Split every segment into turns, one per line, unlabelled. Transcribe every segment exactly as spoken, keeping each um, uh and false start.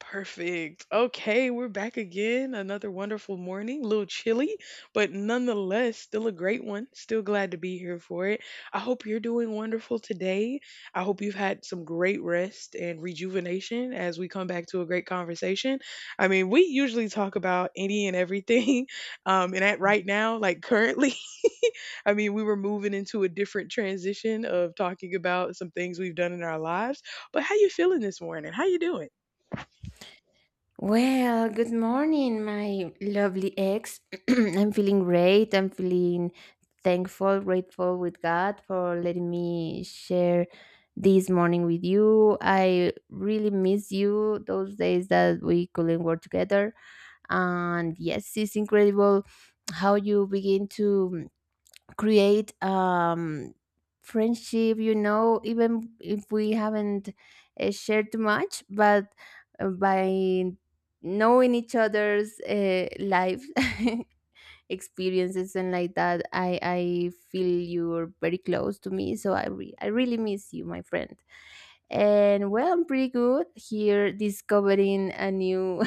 Perfect. Okay, we're back again. Another wonderful morning. A little chilly, but nonetheless, still a great one. Still glad to be here for it. I hope you're doing wonderful today. I hope you've had some great rest and rejuvenation as we come back to a great conversation. I mean, we usually talk about any and everything. Um, and at right now, like currently, I mean, we were moving into a different transition of talking about some things we've done in our lives. But how you feeling this morning? How you doing?
Well, good morning, my lovely ex. I'm feeling great. I'm feeling thankful, grateful with God for letting me share this morning with you. I really miss you those days that we couldn't work together. And yes, it's incredible how you begin to create um friendship, you know even if we haven't uh, shared too much, but uh, by knowing each other's uh, life experiences, and like that i i feel you're very close to me, so i re- i really miss you, my friend. And well, I'm pretty good here, discovering a new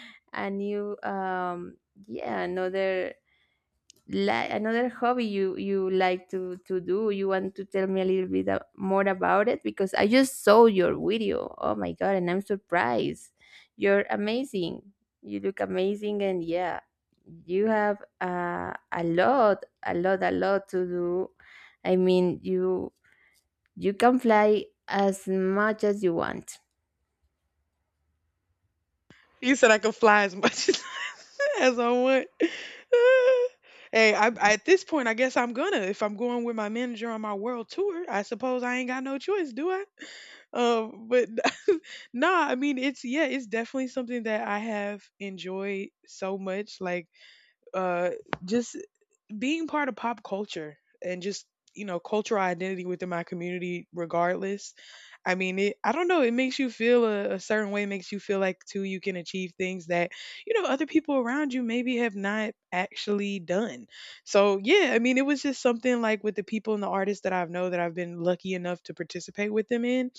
a new um yeah, another, like, another hobby you you like to to do. You want to tell me a little bit a- more about it? Because I just saw your video, oh my god, and I'm surprised. You're amazing, you look amazing. And yeah, you have uh, a lot a lot a lot to do. I mean, you you can fly as much as you want.
You said I could fly as much as I want. Hey, I, I- at this point, I guess I'm gonna. If I'm going with my manager on my world tour, I suppose I ain't got no choice, do I? Um, but nah, I mean, it's yeah, it's definitely something that I have enjoyed so much. Like, uh, just being part of pop culture and just you know cultural identity within my community, regardless. I mean, it, I don't know. It makes you feel a, a certain way. It makes you feel like too you can achieve things that you know other people around you maybe have not actually done. So yeah, I mean, it was just something like with the people and the artists that I've know that I've been lucky enough to participate with them in,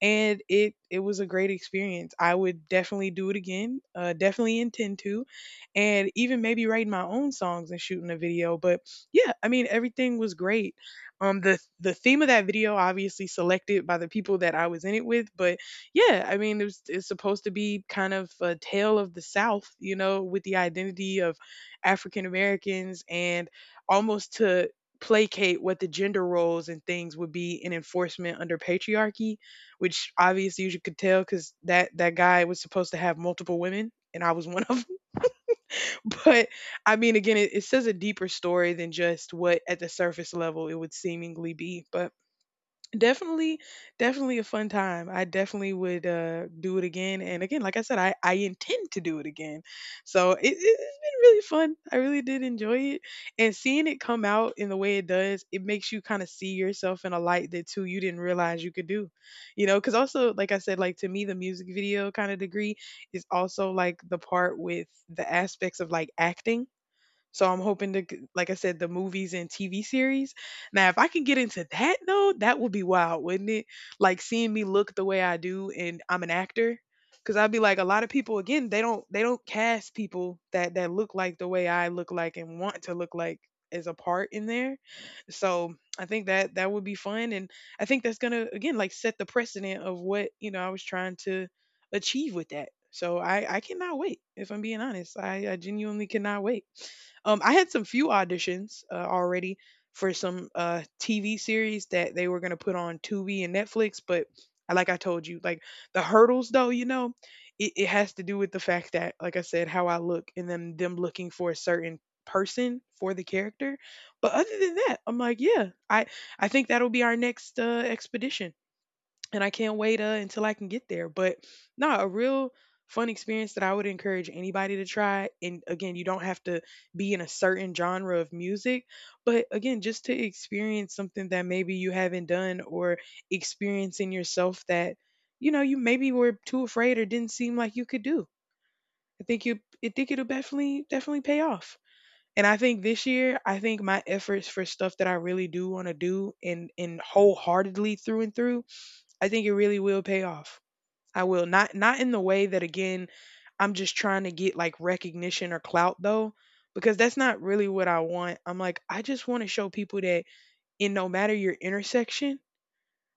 and it it was a great experience. I would definitely do it again. Uh, definitely intend to, and even maybe writing my own songs and shooting a video. But yeah, I mean everything was great. Um, the the theme of that video obviously selected by the people that I was in it with, but yeah, I mean it was, it's supposed to be kind of a tale of the South, you know, with the identity of African Americans, and almost to placate what the gender roles and things would be in enforcement under patriarchy, which obviously you could tell because that that guy was supposed to have multiple women and I was one of them. But I mean, again, it, it says a deeper story than just what at the surface level it would seemingly be. But definitely, definitely a fun time. I definitely would uh, do it again. And again, like I said, I, I intend to do it again. So it, it- it's been really fun. I really did enjoy it. And seeing it come out in the way it does, it makes you kind of see yourself in a light that too you didn't realize you could do. You know, because also, like I said, like to me, the music video kind of degree is also like the part with the aspects of like acting, so I'm hoping to, g- like I said, the movies and T V series. Now, if I can get into that though, that would be wild, wouldn't it? Like seeing me look the way I do, and I'm an actor. Cause I'd be like, a lot of people again, they don't they don't cast people that that look like the way I look like and want to look like as a part in there. So I think that that would be fun, and I think that's gonna again like set the precedent of what you know I was trying to achieve with that. So I I cannot wait. If I'm being honest, I, I genuinely cannot wait. Um, I had some few auditions uh, already for some uh, T V series that they were going to put on Tubi and Netflix, but I- like I told you, like the hurdles though, you know, it, it has to do with the fact that, like I said, how I look and then them looking for a certain person for the character. But other than that, I'm like, yeah, I I think that'll be our next uh, expedition, and I can't wait uh, until I can get there. But no, a real fun experience that I would encourage anybody to try. And again, you don't have to be in a certain genre of music, but again, just to experience something that maybe you haven't done or experience in yourself that you know you maybe were too afraid or didn't seem like you could do. I think you, I think it'll definitely definitely pay off. And I think this year, I think my efforts for stuff that I really do want to do and and wholeheartedly through and through, I think it really will pay off. I will not not in the way that again I'm just trying to get like recognition or clout though, because that's not really what I want. I'm like I just want to show people that in no matter your intersection,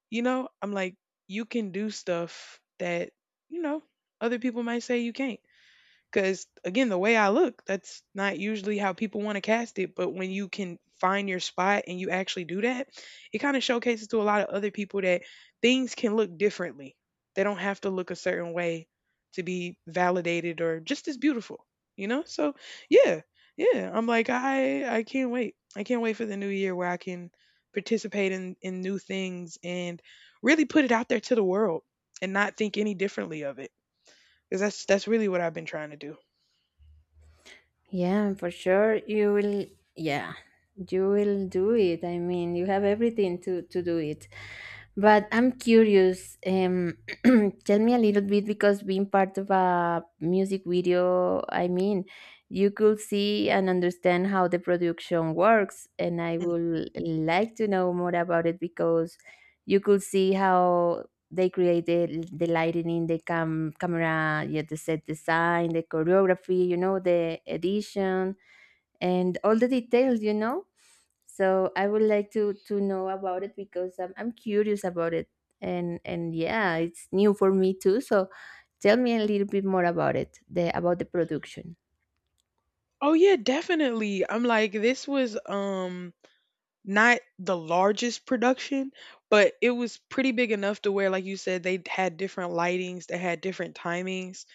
you know, I'm like you can do stuff that, you know, other people might say you can't. Because again, the way I look, that's not usually how people want to cast it. But when you can find your spot and you actually do that, it kind of showcases to a lot of other people that things can look differently. They don't have to look a certain way to be validated or just as beautiful, you know? So yeah, yeah. I'm like, I I can't wait. I can't wait for the new year where I can participate in, in new things and really put it out there to the world and not think any differently of it, because that's that's really what I've been trying to do.
Yeah, for sure. You will, yeah, you will do it. I mean, you have everything to to do it. But I'm curious. Um, tell me a little bit, because being part of a music video, I mean, you could see and understand how the production works, and I
Mm.
would like to know more about it. Because you could see how they created the the lighting, the cam camera, yeah, the set design, the choreography, you know, the edition, and all the details, you know so I would like to to know about it, because i'm, I'm curious about it. and and yeah, it's new for me too, so tell me a little bit more about it, the, about the production.
Oh yeah, definitely. I'm like this was um not the largest production, but it was pretty big enough to where, like you said, they had different lightings, they had different timings,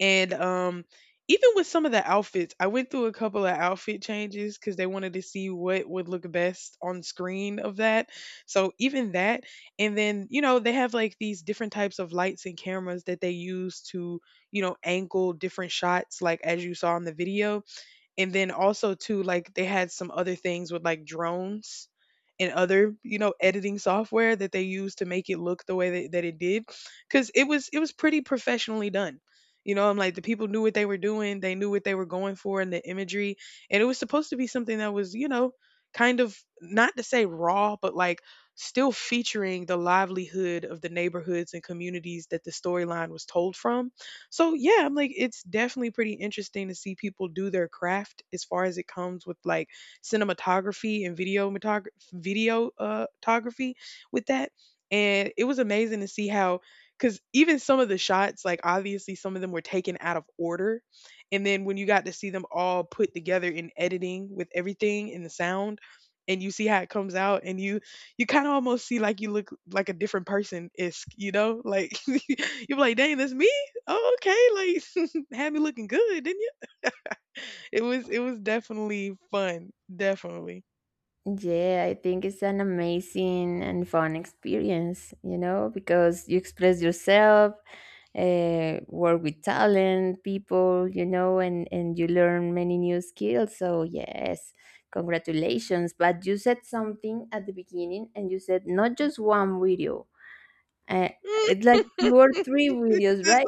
and um, even with some of the outfits, I went through a couple of outfit changes because they wanted to see what would look best on screen of that. So even that, and then you know they have like these different types of lights and cameras that they use to you know angle different shots, like as you saw in the video. And then also too, like they had some other things with like drones and other, you know, editing software that they used to make it look the way that, that it did. Cause it was it was pretty professionally done. You know, I'm like the people knew what they were doing, they knew what they were going for in the imagery. And it was supposed to be something that was, you know, kind of not to say raw, but like still featuring the livelihood of the neighborhoods and communities that the storyline was told from. So yeah, I'm like, it's definitely pretty interesting to see people do their craft as far as it comes with like cinematography and video metog- video uh, photography with that. And it was amazing to see how, because even some of the shots, like obviously some of them were taken out of order, and then when you got to see them all put together in editing with everything and the sound, and you see how it comes out, and you you kind of almost see like you look like a different person isk, you know, like you're like, dang, that's me. "Oh, okay, like had me looking good, didn't you?" It was it was definitely fun, definitely.
Yeah, I think it's an amazing and fun experience, you know, because you express yourself, uh, work with talent, people, you know, and, and you learn many new skills. So, yes, congratulations. But you said something at the beginning, and you said not just one video, uh, it's like two or three videos, right?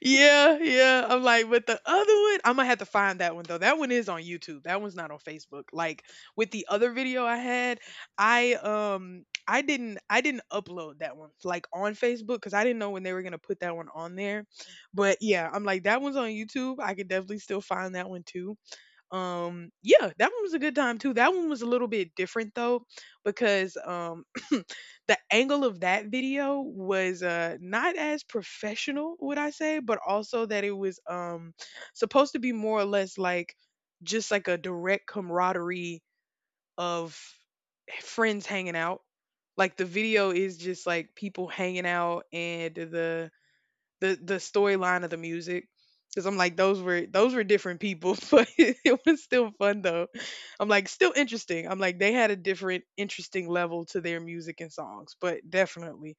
Yeah, yeah. I'm like, but the other one, I am gonna have to find that one though. That one is on YouTube. That one's not on Facebook. Like with the other video I had, I um I didn't I didn't upload that one like on Facebook because I didn't know when they were gonna put that one on there. But yeah, I'm like that one's on YouTube. I could definitely still find that one too. um yeah, that one was a good time too. That one was a little bit different though, because um the angle of that video was uh not as professional would I say, but also that it was um supposed to be more or less like just like a direct camaraderie of friends hanging out. Like the video is just like people hanging out and the the the storyline of the music, because I'm like those were those were different people, but it was still fun though. I'm like still interesting. I'm like they had a different interesting level to their music and songs, but definitely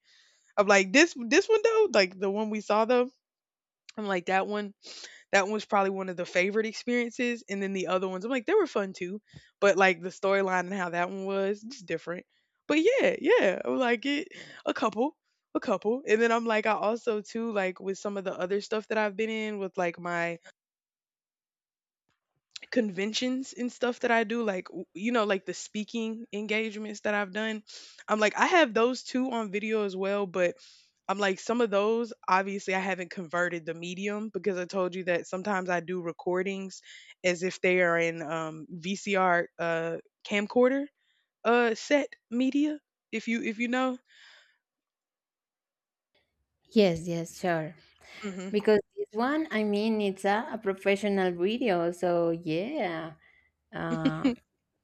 I'm like this this one though, like the one we saw though. I'm like that one that one was probably one of the favorite experiences. And then the other ones, I'm like, they were fun too. But like the storyline and how that one was, just different. But yeah, yeah. I'm like it a couple. A couple. And then I'm like, I also too, like with some of the other stuff that I've been in with like my conventions and stuff that I do, like w- you know, like the speaking engagements that I've done. I'm like I have those two on video as well, but I'm like some of those obviously I haven't converted the medium because I told you that sometimes I do recordings as if they are in um, V C R uh, camcorder uh, set media. If you if you know.
Yes, yes, sure.
Hmm.
Because this one, I mean, it's a, a professional video, so yeah, uh,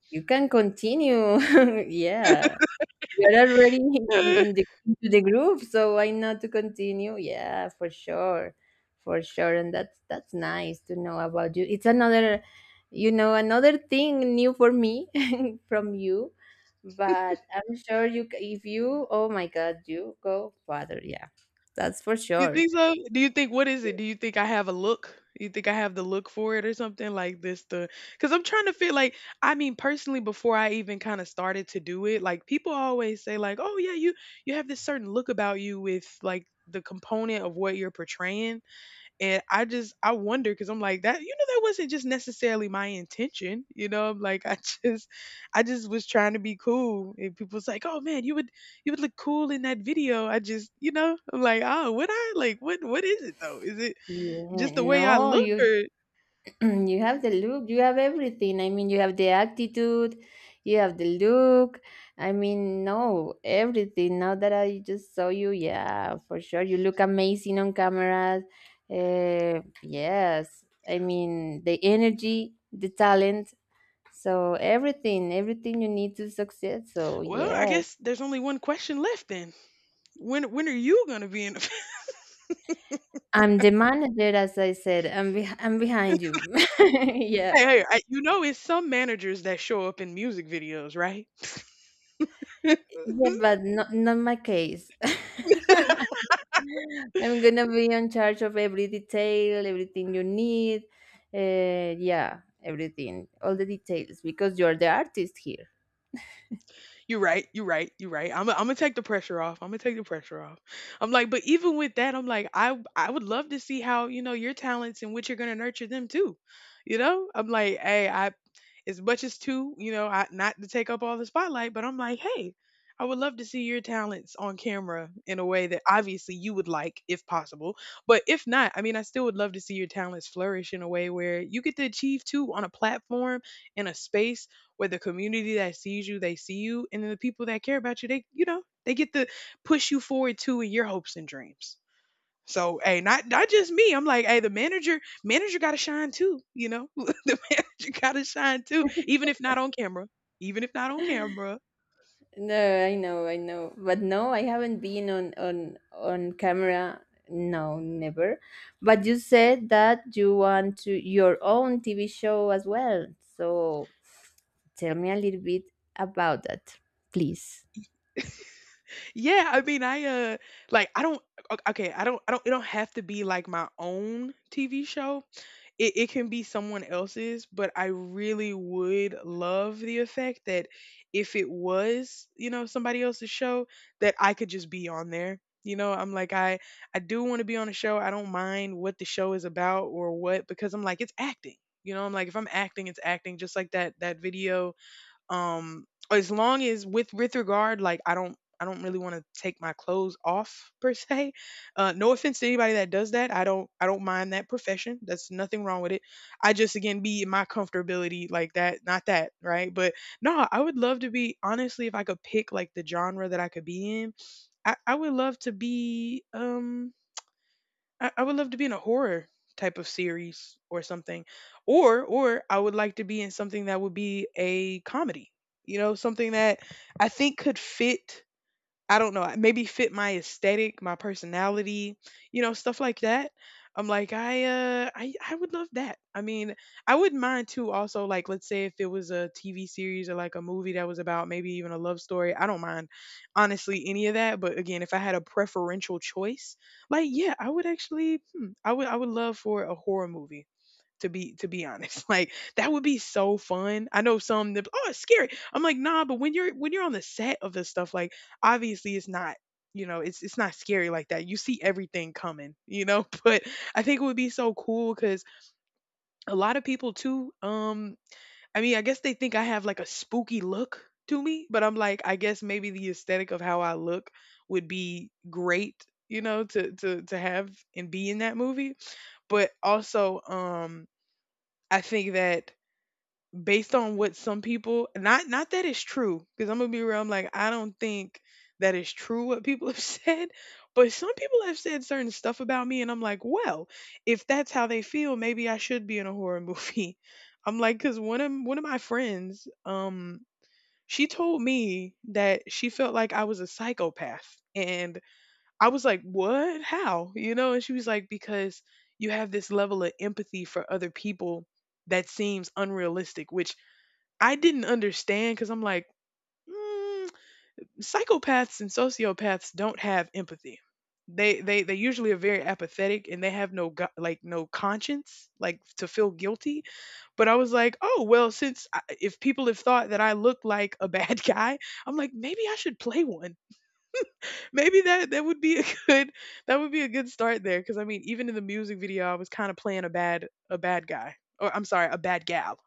you can continue. Yeah, you're already in in the, into the groove, so why not to continue? Yeah, for sure, for sure. And that's that's nice to know about you. It's another, you know, another thing new for me from you, but I'm sure you c- if you, oh my God, you go further. Yeah, that's for
You
sure.
think so? Do you think what is it? Do you think I have a look? You think I have the look for it or something like this? The because I'm trying to feel like I mean personally before I even kind of started to do it, like people always say like, oh yeah, you you have this certain look about you with like the component of what you're portraying. And I just I wonder because I'm like that, you know, that wasn't just necessarily my intention, you know. I'm like, I just I just was trying to be cool and people's like, oh man, you would you would look cool in that video. I just, you know, I'm like, oh would I, like what what is it though, is it
Yeah,
just the way I
no,
look
you
or
you have the look, you have everything. I mean, you have the attitude, you have the look. I mean, no, everything. Now that I just saw you, yeah, for sure, you look amazing on cameras. Uh, yes, I mean the energy, the talent, so everything, everything you need to succeed. So
well I
yes,
guess there's only one question left then, when when are you gonna be in.
I'm the manager, as I said. I'm beh I'm behind you. Yeah.
Hey, hey I, you know it's some managers that show up in music videos, right?
Yeah, but not, not my case. I'm gonna be in charge of every detail, everything you need. Uh, yeah, everything, all the details, because you're the artist here.
You're right. You're right. You're right. I'm I'm gonna take the pressure off. I'm gonna take the pressure off. I'm like, but even with that, I'm like, I I would love to see how, you know, your talents and what you're gonna nurture them too. You know, I'm like, hey, I as much as two, you know, I, not to take up all the spotlight, but I'm like, hey, I would love to see your talents on camera in a way that obviously you would like, if possible. But if not, I mean, I still would love to see your talents flourish in a way where you get to achieve too on a platform in a space where the community that sees you, they see you, and then the people that care about you, they, you know, they get to push you forward too in your hopes and dreams. So hey, not not just me. I'm like, hey, the manager manager got to shine too. You know, the manager got to shine too, even if not on camera. Even if not on camera.
No, I know, I know, but no, I haven't been on on on camera. No, never. But you said that you want to your own T V show as well. So tell me a little bit about that, please.
Yeah, I mean, I uh, like I don't. o- Okay, I don't. I don't. It don't have to be like my own T V show. it, it can be someone else's, but I really would love the effect that if it was, you know, somebody else's show, that I could just be on there. You know, I'm like, I, I do want to be on a show. I don't mind what the show is about or what, because I'm like, it's acting. You know, I'm like, if I'm acting, it's acting. Just like that that video, um, as long as with with regard, like I don't I don't really want to take my clothes off per se. Uh, no offense to anybody that does that. I don't I don't mind that profession. That's nothing wrong with it. I just again be in my comfortability like that, not that right. But no, I would love to be honestly if I could pick like the genre that I could be in. I, I would love to be um I, I would love to be in a horror type of series or something. Or or I would like to be in something that would be a comedy. You know, something that I think could fit. I don't know, maybe fit my aesthetic, my personality, you know, stuff like that. I'm like, I uh I I would love that. I mean, I wouldn't mind too also like let's say if it was a T V series or like a movie that was about maybe even a love story. I don't mind honestly any of that, but again, if I had a preferential choice, like yeah, I would actually hmm, I would I would love for a horror movie to be to be honest. Like that would be so fun. I know some that, oh it's scary. I'm like, nah, but when you're when you're on the set of this stuff, like obviously it's not, you know, it's it's not scary like that, you see everything coming, you know. But I think it would be so cool because a lot of people too, um I mean I guess they think I have like a spooky look to me, but I'm like I guess maybe the aesthetic of how I look would be great, you know, to to to have and be in that movie. But also, um I think that based on what some people, not not that it's true, because I'm gonna be real, I'm like I don't think that is true what people have said. But some people have said certain stuff about me and I'm like, well, if that's how they feel, maybe I should be in a horror movie. I'm like, because one of one of my friends, um she told me that she felt like I was a psychopath. And I was like, what, how, you know? And she was like, because you have this level of empathy for other people that seems unrealistic, which I didn't understand because I'm like, mm, psychopaths and sociopaths don't have empathy. They they they usually are very apathetic and they have no gu- like no conscience like to feel guilty. But I was like, oh well, since I, if people have thought that I look like a bad guy, I'm like maybe I should play one. Maybe that that would be a good, that would be a good start there because I mean even in the music video I was kind of playing a bad a bad guy, or I'm sorry, a bad gal.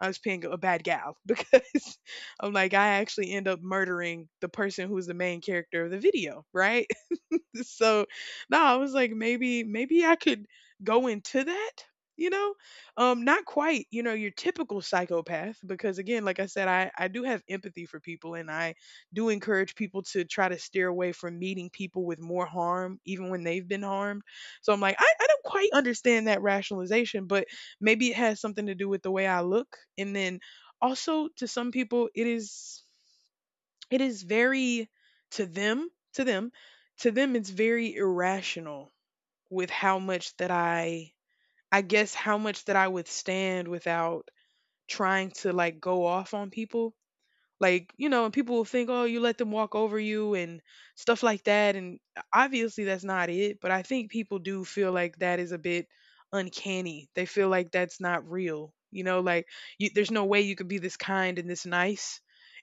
I was playing a bad gal because I'm like I actually end up murdering the person who's the main character of the video, right? So no, I was like, maybe, maybe I could go into that, you know? Um, not quite, you know, your typical psychopath, because again, like I said, I, I do have empathy for people and I do encourage people to try to steer away from meeting people with more harm, even when they've been harmed. So I'm like, I, I don't quite understand that rationalization, but maybe it has something to do with the way I look. And then also to some people, it is. It is very, to them, to them, to them it's very irrational with how much that I I guess, how much that I withstand without trying to like go off on people. Like, you know, and people will think, oh, you let them walk over you and stuff like that. And obviously that's not it. But I think people do feel like that is a bit uncanny. They feel like that's not real. You know, like you, there's no way you could be this kind and this nice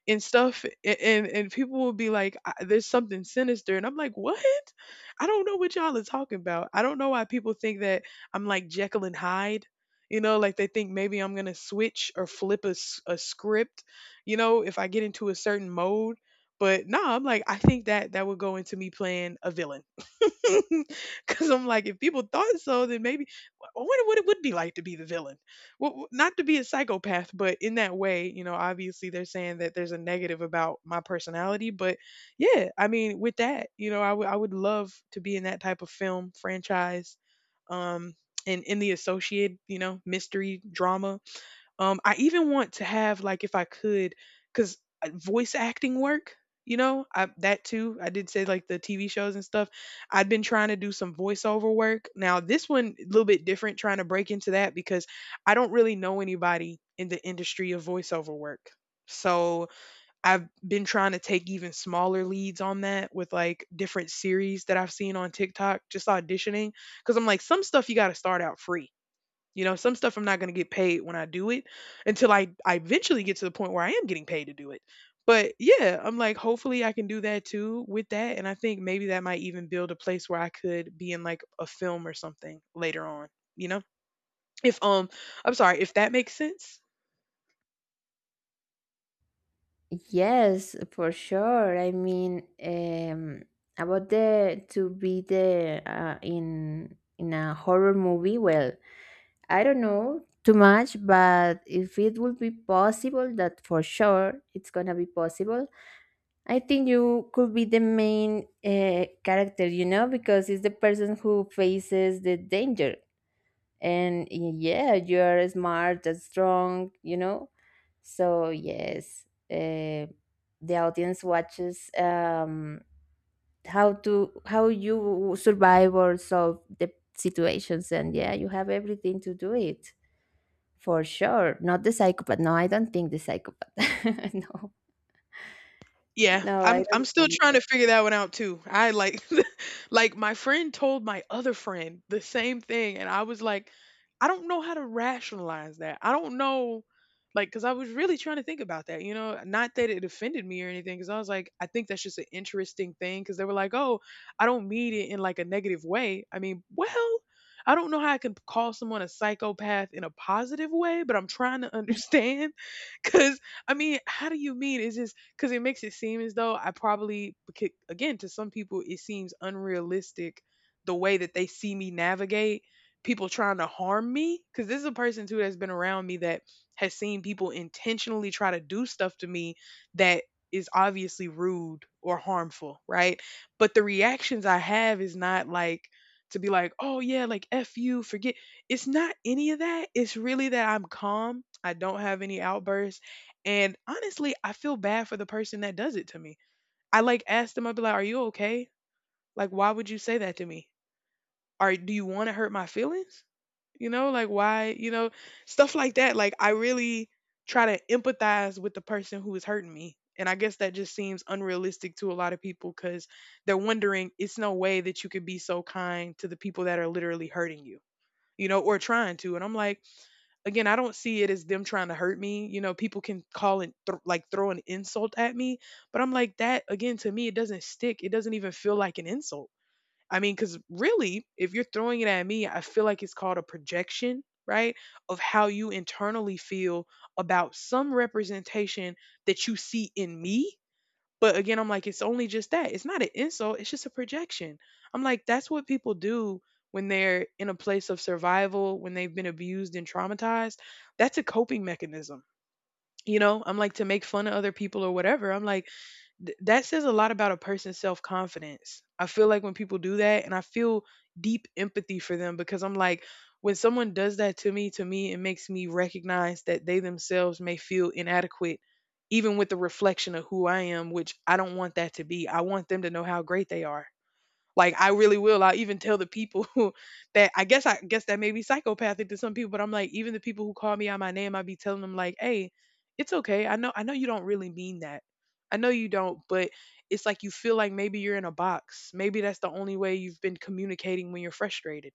and stuff. a- And and people will be like, "I- there's something sinister." And I'm like, what? I don't know what y'all are talking about. I don't know why people think that I'm like Jekyll and Hyde. You know, like they think maybe I'm gonna switch or flip a, s- a script, you know, if I get into a certain mode. But no, I'm like, I think that that would go into me playing a villain. Because I'm like, if people thought so, then maybe I wonder what it would be like to be the villain. Well, not to be a psychopath, but in that way, you know, obviously they're saying that there's a negative about my personality. But yeah, I mean, with that, you know, I would I would love to be in that type of film franchise, um and in the associated, you know, mystery drama. um, I even want to have like, if I could, because voice acting work, you know, I, that too. I did say like the T V shows and stuff. I've been trying to do some voiceover work. Now this one a little bit different, trying to break into that because I don't really know anybody in the industry of voiceover work. So I've been trying to take even smaller leads on that with like different series that I've seen on TikTok, just auditioning. Cause I'm like, some stuff you got to start out free, you know, some stuff I'm not going to get paid when I do it until I, I eventually get to the point where I am getting paid to do it. But yeah, I'm like, hopefully I can do that too with that. And I think maybe that might even build a place where I could be in like a film or something later on, you know? If, um, I'm sorry, if that makes sense.
Yes, for sure. I mean, um, about the to be there uh, in in a horror movie. Well, I don't know too much, but if it would be possible, that for sure it's gonna be possible. I think you could be the main uh, character, you know, because it's the person who faces the danger. And yeah, you're smart and strong, you know. So yes, uh, the audience watches, um how to, how you survive or solve the situations. And yeah, you have everything to do it, for sure. Not the psychopath, no, I don't think the psychopath. No,
Yeah,
no, I
I'm I'm
don't
still
think.
trying to figure that one out too. I like like my friend told my other friend the same thing and I was like I don't know how to rationalize that. I don't know like cuz I was really trying to think about that, you know, not that it offended me or anything cuz I was like I think that's just an interesting thing cuz they were like, "Oh, I don't mean it in like a negative way." I mean, well, I don't know how I can call someone a psychopath in a positive way, but I'm trying to understand cuz I mean, how do you mean? Is this because it makes it seem as though I probably, becau- again, to some people, it seems unrealistic the way that they see me navigate people trying to harm me. Because this is a person, too, that's been around me that has seen people intentionally try to do stuff to me that is obviously rude or harmful, right? But the reactions I have is not like, to be like, oh yeah, like F you, forget. It's not any of that. It's really that I'm calm. I don't have any outbursts. And honestly, I feel bad for the person that does it to me. I like asked them, I'd be like, are you okay? Like, why would you say that to me? Are do you want to hurt my feelings? You know, like why, you know, stuff like that. Like I really try to empathize with the person who is hurting me. And I guess that just seems unrealistic to a lot of people because they're wondering it's no way that you could be so kind to the people that are literally hurting you you know, or trying to. And I'm like, again, I don't see it as them trying to hurt me. You know, people can call and th- like throw an insult at me, but I'm like that again. To me, it doesn't stick. It doesn't even feel like an insult. I mean, because really, if you're throwing it at me, I feel like it's called a projection, right, of how you internally feel about some representation that you see in me but again, I'm like, it's only just that. It's not an insult, it's just a projection. I'm like, that's what people do when they're in a place of survival, when they've been abused and traumatized. That's a coping mechanism. You know, I'm like to make fun of other people or whatever. I'm like, th- that says a lot about a person's self confidence. I feel like when people do that, and I feel deep empathy for them because I'm like, when someone does that to me, to me, it makes me recognize that they themselves may feel inadequate, even with the reflection of who I am, which I don't want that to be. I want them to know how great they are. Like I really will. I even tell the people that I guess I guess that may be psychopathic to some people, but I'm like, even the people who call me out my name, I be telling them like, hey, it's okay. I know I know you don't really mean that. I know you don't, but it's like you feel like maybe you're in a box. Maybe that's the only way you've been communicating when you're frustrated.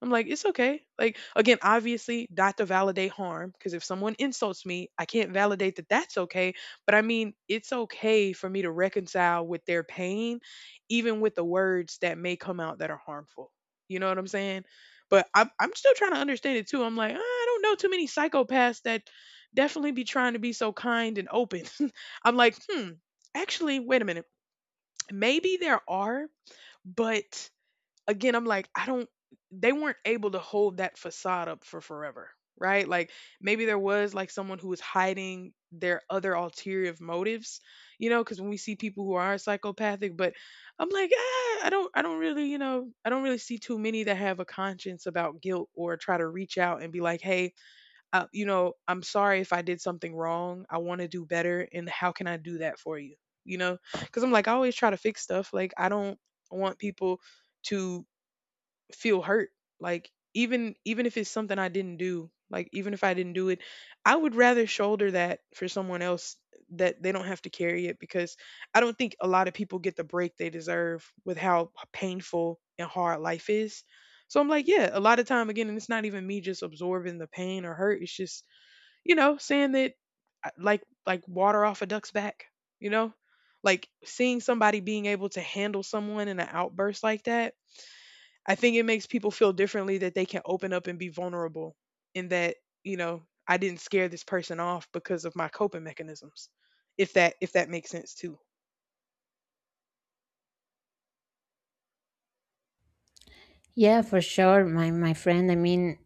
I'm like, it's okay. Like, again, obviously, not to validate harm, because if someone insults me, I can't validate that that's okay. But I mean, it's okay for me to reconcile with their pain, even with the words that may come out that are harmful. You know what I'm saying? But I'm, I'm still trying to understand it too. I'm like, "Ah, I don't know too many psychopaths that definitely be trying to be so kind and open." I'm like, hmm, actually, wait a minute. Maybe there are, but again, I'm like, I don't, they weren't able to hold that facade up for forever, right? Like maybe there was like someone who was hiding their other ulterior motives, you know, because when we see people who are psychopathic, but I'm like, ah, I don't, I don't really, you know, I don't really see too many that have a conscience about guilt or try to reach out and be like, hey, uh, you know, I'm sorry if I did something wrong. I want to do better. And how can I do that for you? You know, because I'm like, I always try to fix stuff. Like, I don't want people to feel hurt. Like even even if it's something I didn't do, like even if I didn't do it, I would rather shoulder that for someone else that they don't have to carry it because I don't think a lot of people get the break they deserve with how painful and hard life is. So I'm like, yeah, a lot of time again, and it's not even me just absorbing the pain or hurt. It's just, you know, saying that I- like like water off a duck's back, you know? Like seeing somebody being able to handle someone in an outburst like that I think it makes people feel differently that they can open up and be vulnerable and that, you know, I didn't scare this person off because of my coping mechanisms. If that if that makes sense too.
Yeah, for sure, my my friend. I mean,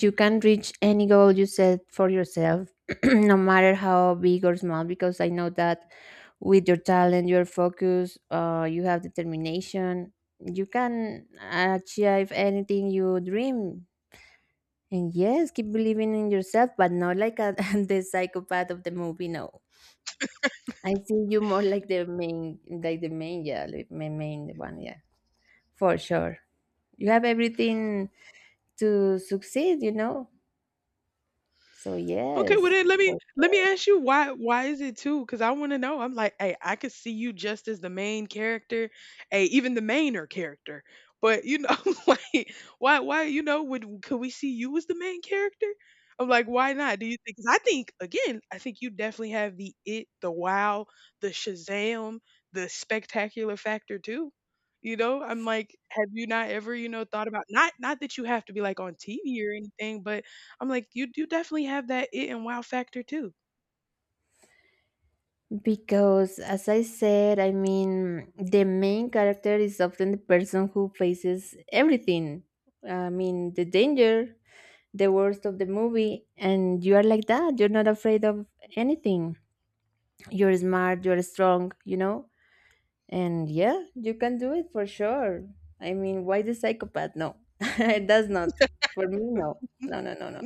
you can reach any goal you set for yourself, no matter how big or small. Because I know that with your talent, your focus, uh, you have determination. You can achieve anything you dream. And yes, keep believing in yourself, but not like a, the psychopath of the movie. No, I see you more like the main, like the main, yeah, like main, main one, yeah, for sure. You have everything to succeed, you know? So,
Okay, well
yes.
then let me let me ask you why why is it too? Because I want to know. I'm like, hey, I could see you just as the main character, hey, even the mainer character. But you know, like, why why you know would could we see you as the main character? I'm like, why not? Do you think? Because I think again, I think you definitely have the it, the wow, the Shazam, the spectacular factor too. You know, I'm like, have you not ever, you know, thought about not not that you have to be like on T V or anything, but I'm like, you you definitely have that it and wow factor too.
Because, as I said, I mean, the main character is often the person who faces everything. I mean, the danger, the worst of the movie, and you are like that. You're not afraid of anything. You're smart, you're strong, you know? And yeah, you can do it for sure. I mean, why the psychopath? No, it does not. For me, no. No, no, no, no.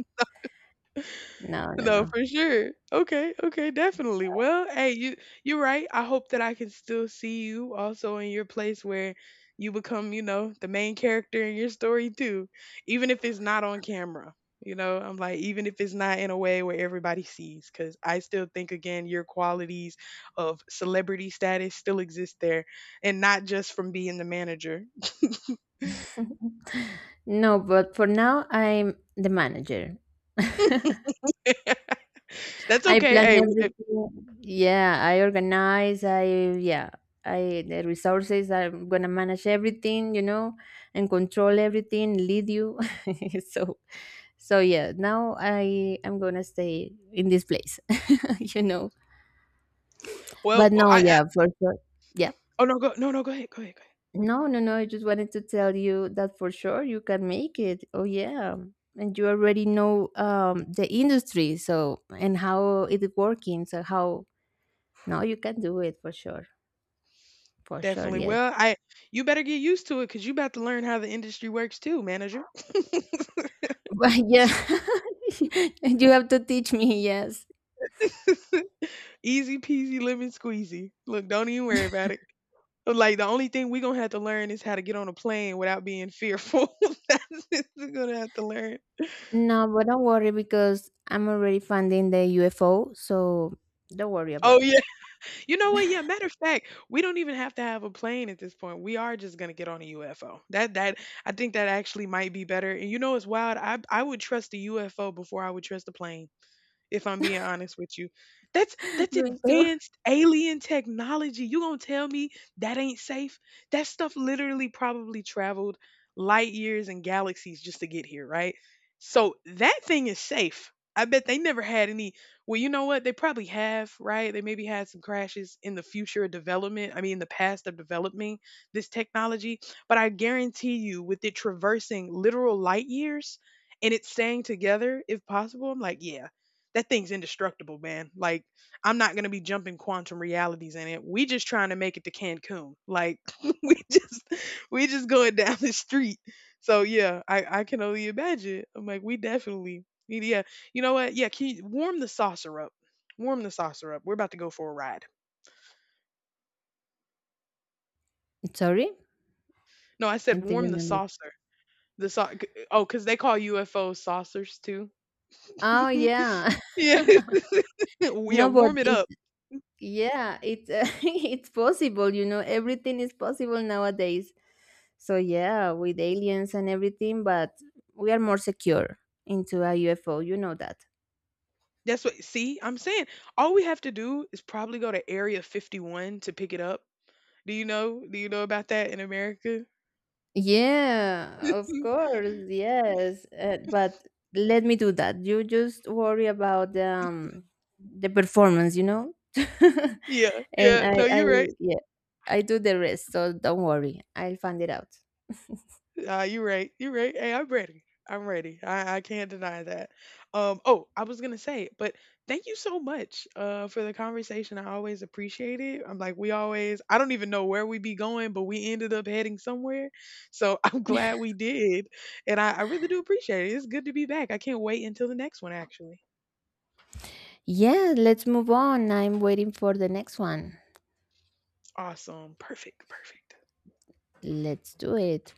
No,
No,
no,
for sure. Okay, okay, definitely. Well, hey, you you're right. I hope that I can still see you also in your place where you become, you know, the main character in your story too, even if it's not on camera. You know, I'm like, even if it's not in a way where everybody sees, because I still think again, your qualities of celebrity status still exist there, and not just from being the manager.
no. No, but for now I'm the manager.
That's
I
okay.
plan
Hey, w- eh,
everything. Yeah, I organize. I, yeah, I the resources. I'm gonna manage everything, you know, and control everything. Lead you. So, so yeah. Now I, I'm gonna stay in this place, you know.
well,
But
well,
no,
I
yeah, for sure. Yeah.
oh, no, go no, no, go ahead, go ahead, go ahead.
No, no, no. I just wanted to tell you that for sure you can make it. Oh yeah. And you already know um the industry, so, and how it is working. So how, no, you can do it for sure. For sure,
Definitely.
yes.
Well, I you better get used to it because you' about to learn how the industry works too, manager.
But yeah. You have to teach me, yes.
Easy peasy lemon squeezy. Look, don't even worry about it. Like, the only thing we gonna have to learn is how to get on a plane without being fearful. That's it we're gonna have to learn.
No, but don't worry because I'm already funding the U F O, so don't worry about
Oh,
it.
yeah. You know what? Yeah, matter of fact, we don't even have to have a plane at this point. We are just gonna get on a U F O. That that I think that actually might be better, and you know it's wild? I I would trust the U F O before I would trust the plane. If I'm being honest with you. That's that's
Me too.
advanced alien technology. You gonna tell me that ain't safe? That stuff literally probably traveled light years and galaxies just to get here, right? So that thing is safe. I bet they never had any. Well, you know what? They probably have, right? They maybe had some crashes in the future of development. I mean, in the past of developing this technology. But I guarantee you, with it traversing literal light years and it's staying together, if possible, I'm like, yeah, that thing's indestructible, man. Like, I'm not gonna be jumping quantum realities in it. We just trying to make it to Cancun. Like, we just we just going down the street. So yeah, I I can only imagine. I'm like, we definitely need- yeah. You know what? Yeah, can you warm the saucer up. Warm the saucer up. We're about to go for a ride.
Sorry?
No, I
I
said warm
didn't
the
understand.
saucer. The sau- oh, because they call U F Os saucers too.
Oh yeah.
yeah, yeah.
No, but
Warm it
it,
up.
yeah, it's uh, it's possible, you know, everything is possible nowadays. So yeah, with aliens and everything, but we are more secure into a U F O, you know that.
That's what see, I'm saying all we have to do is probably go to Area fifty-one to pick it up. Do you know do you know about that in America?
Yeah, of
Mm.
course, yes. Uh, but let me do that. You just worry about um the performance, you know?
Yeah,
And
yeah.
I
No,
I
you're right.
yeah, I do the rest, so don't worry. I'll find it out.
Uh, you're right. You're right. Hey, I'm ready. I'm ready. I, I can't deny that. Um, oh, I was gonna say, but thank you so much uh for the conversation. I always appreciate it. I'm like we always I don't even know where we be going, but we ended up heading somewhere. So I'm glad we did. And I, I really do appreciate it. It's good to be back. I can't wait until the next one actually.
Yeah, let's move on. I'm waiting for the next one.
Awesome. Perfect. Perfect.
Let's do it.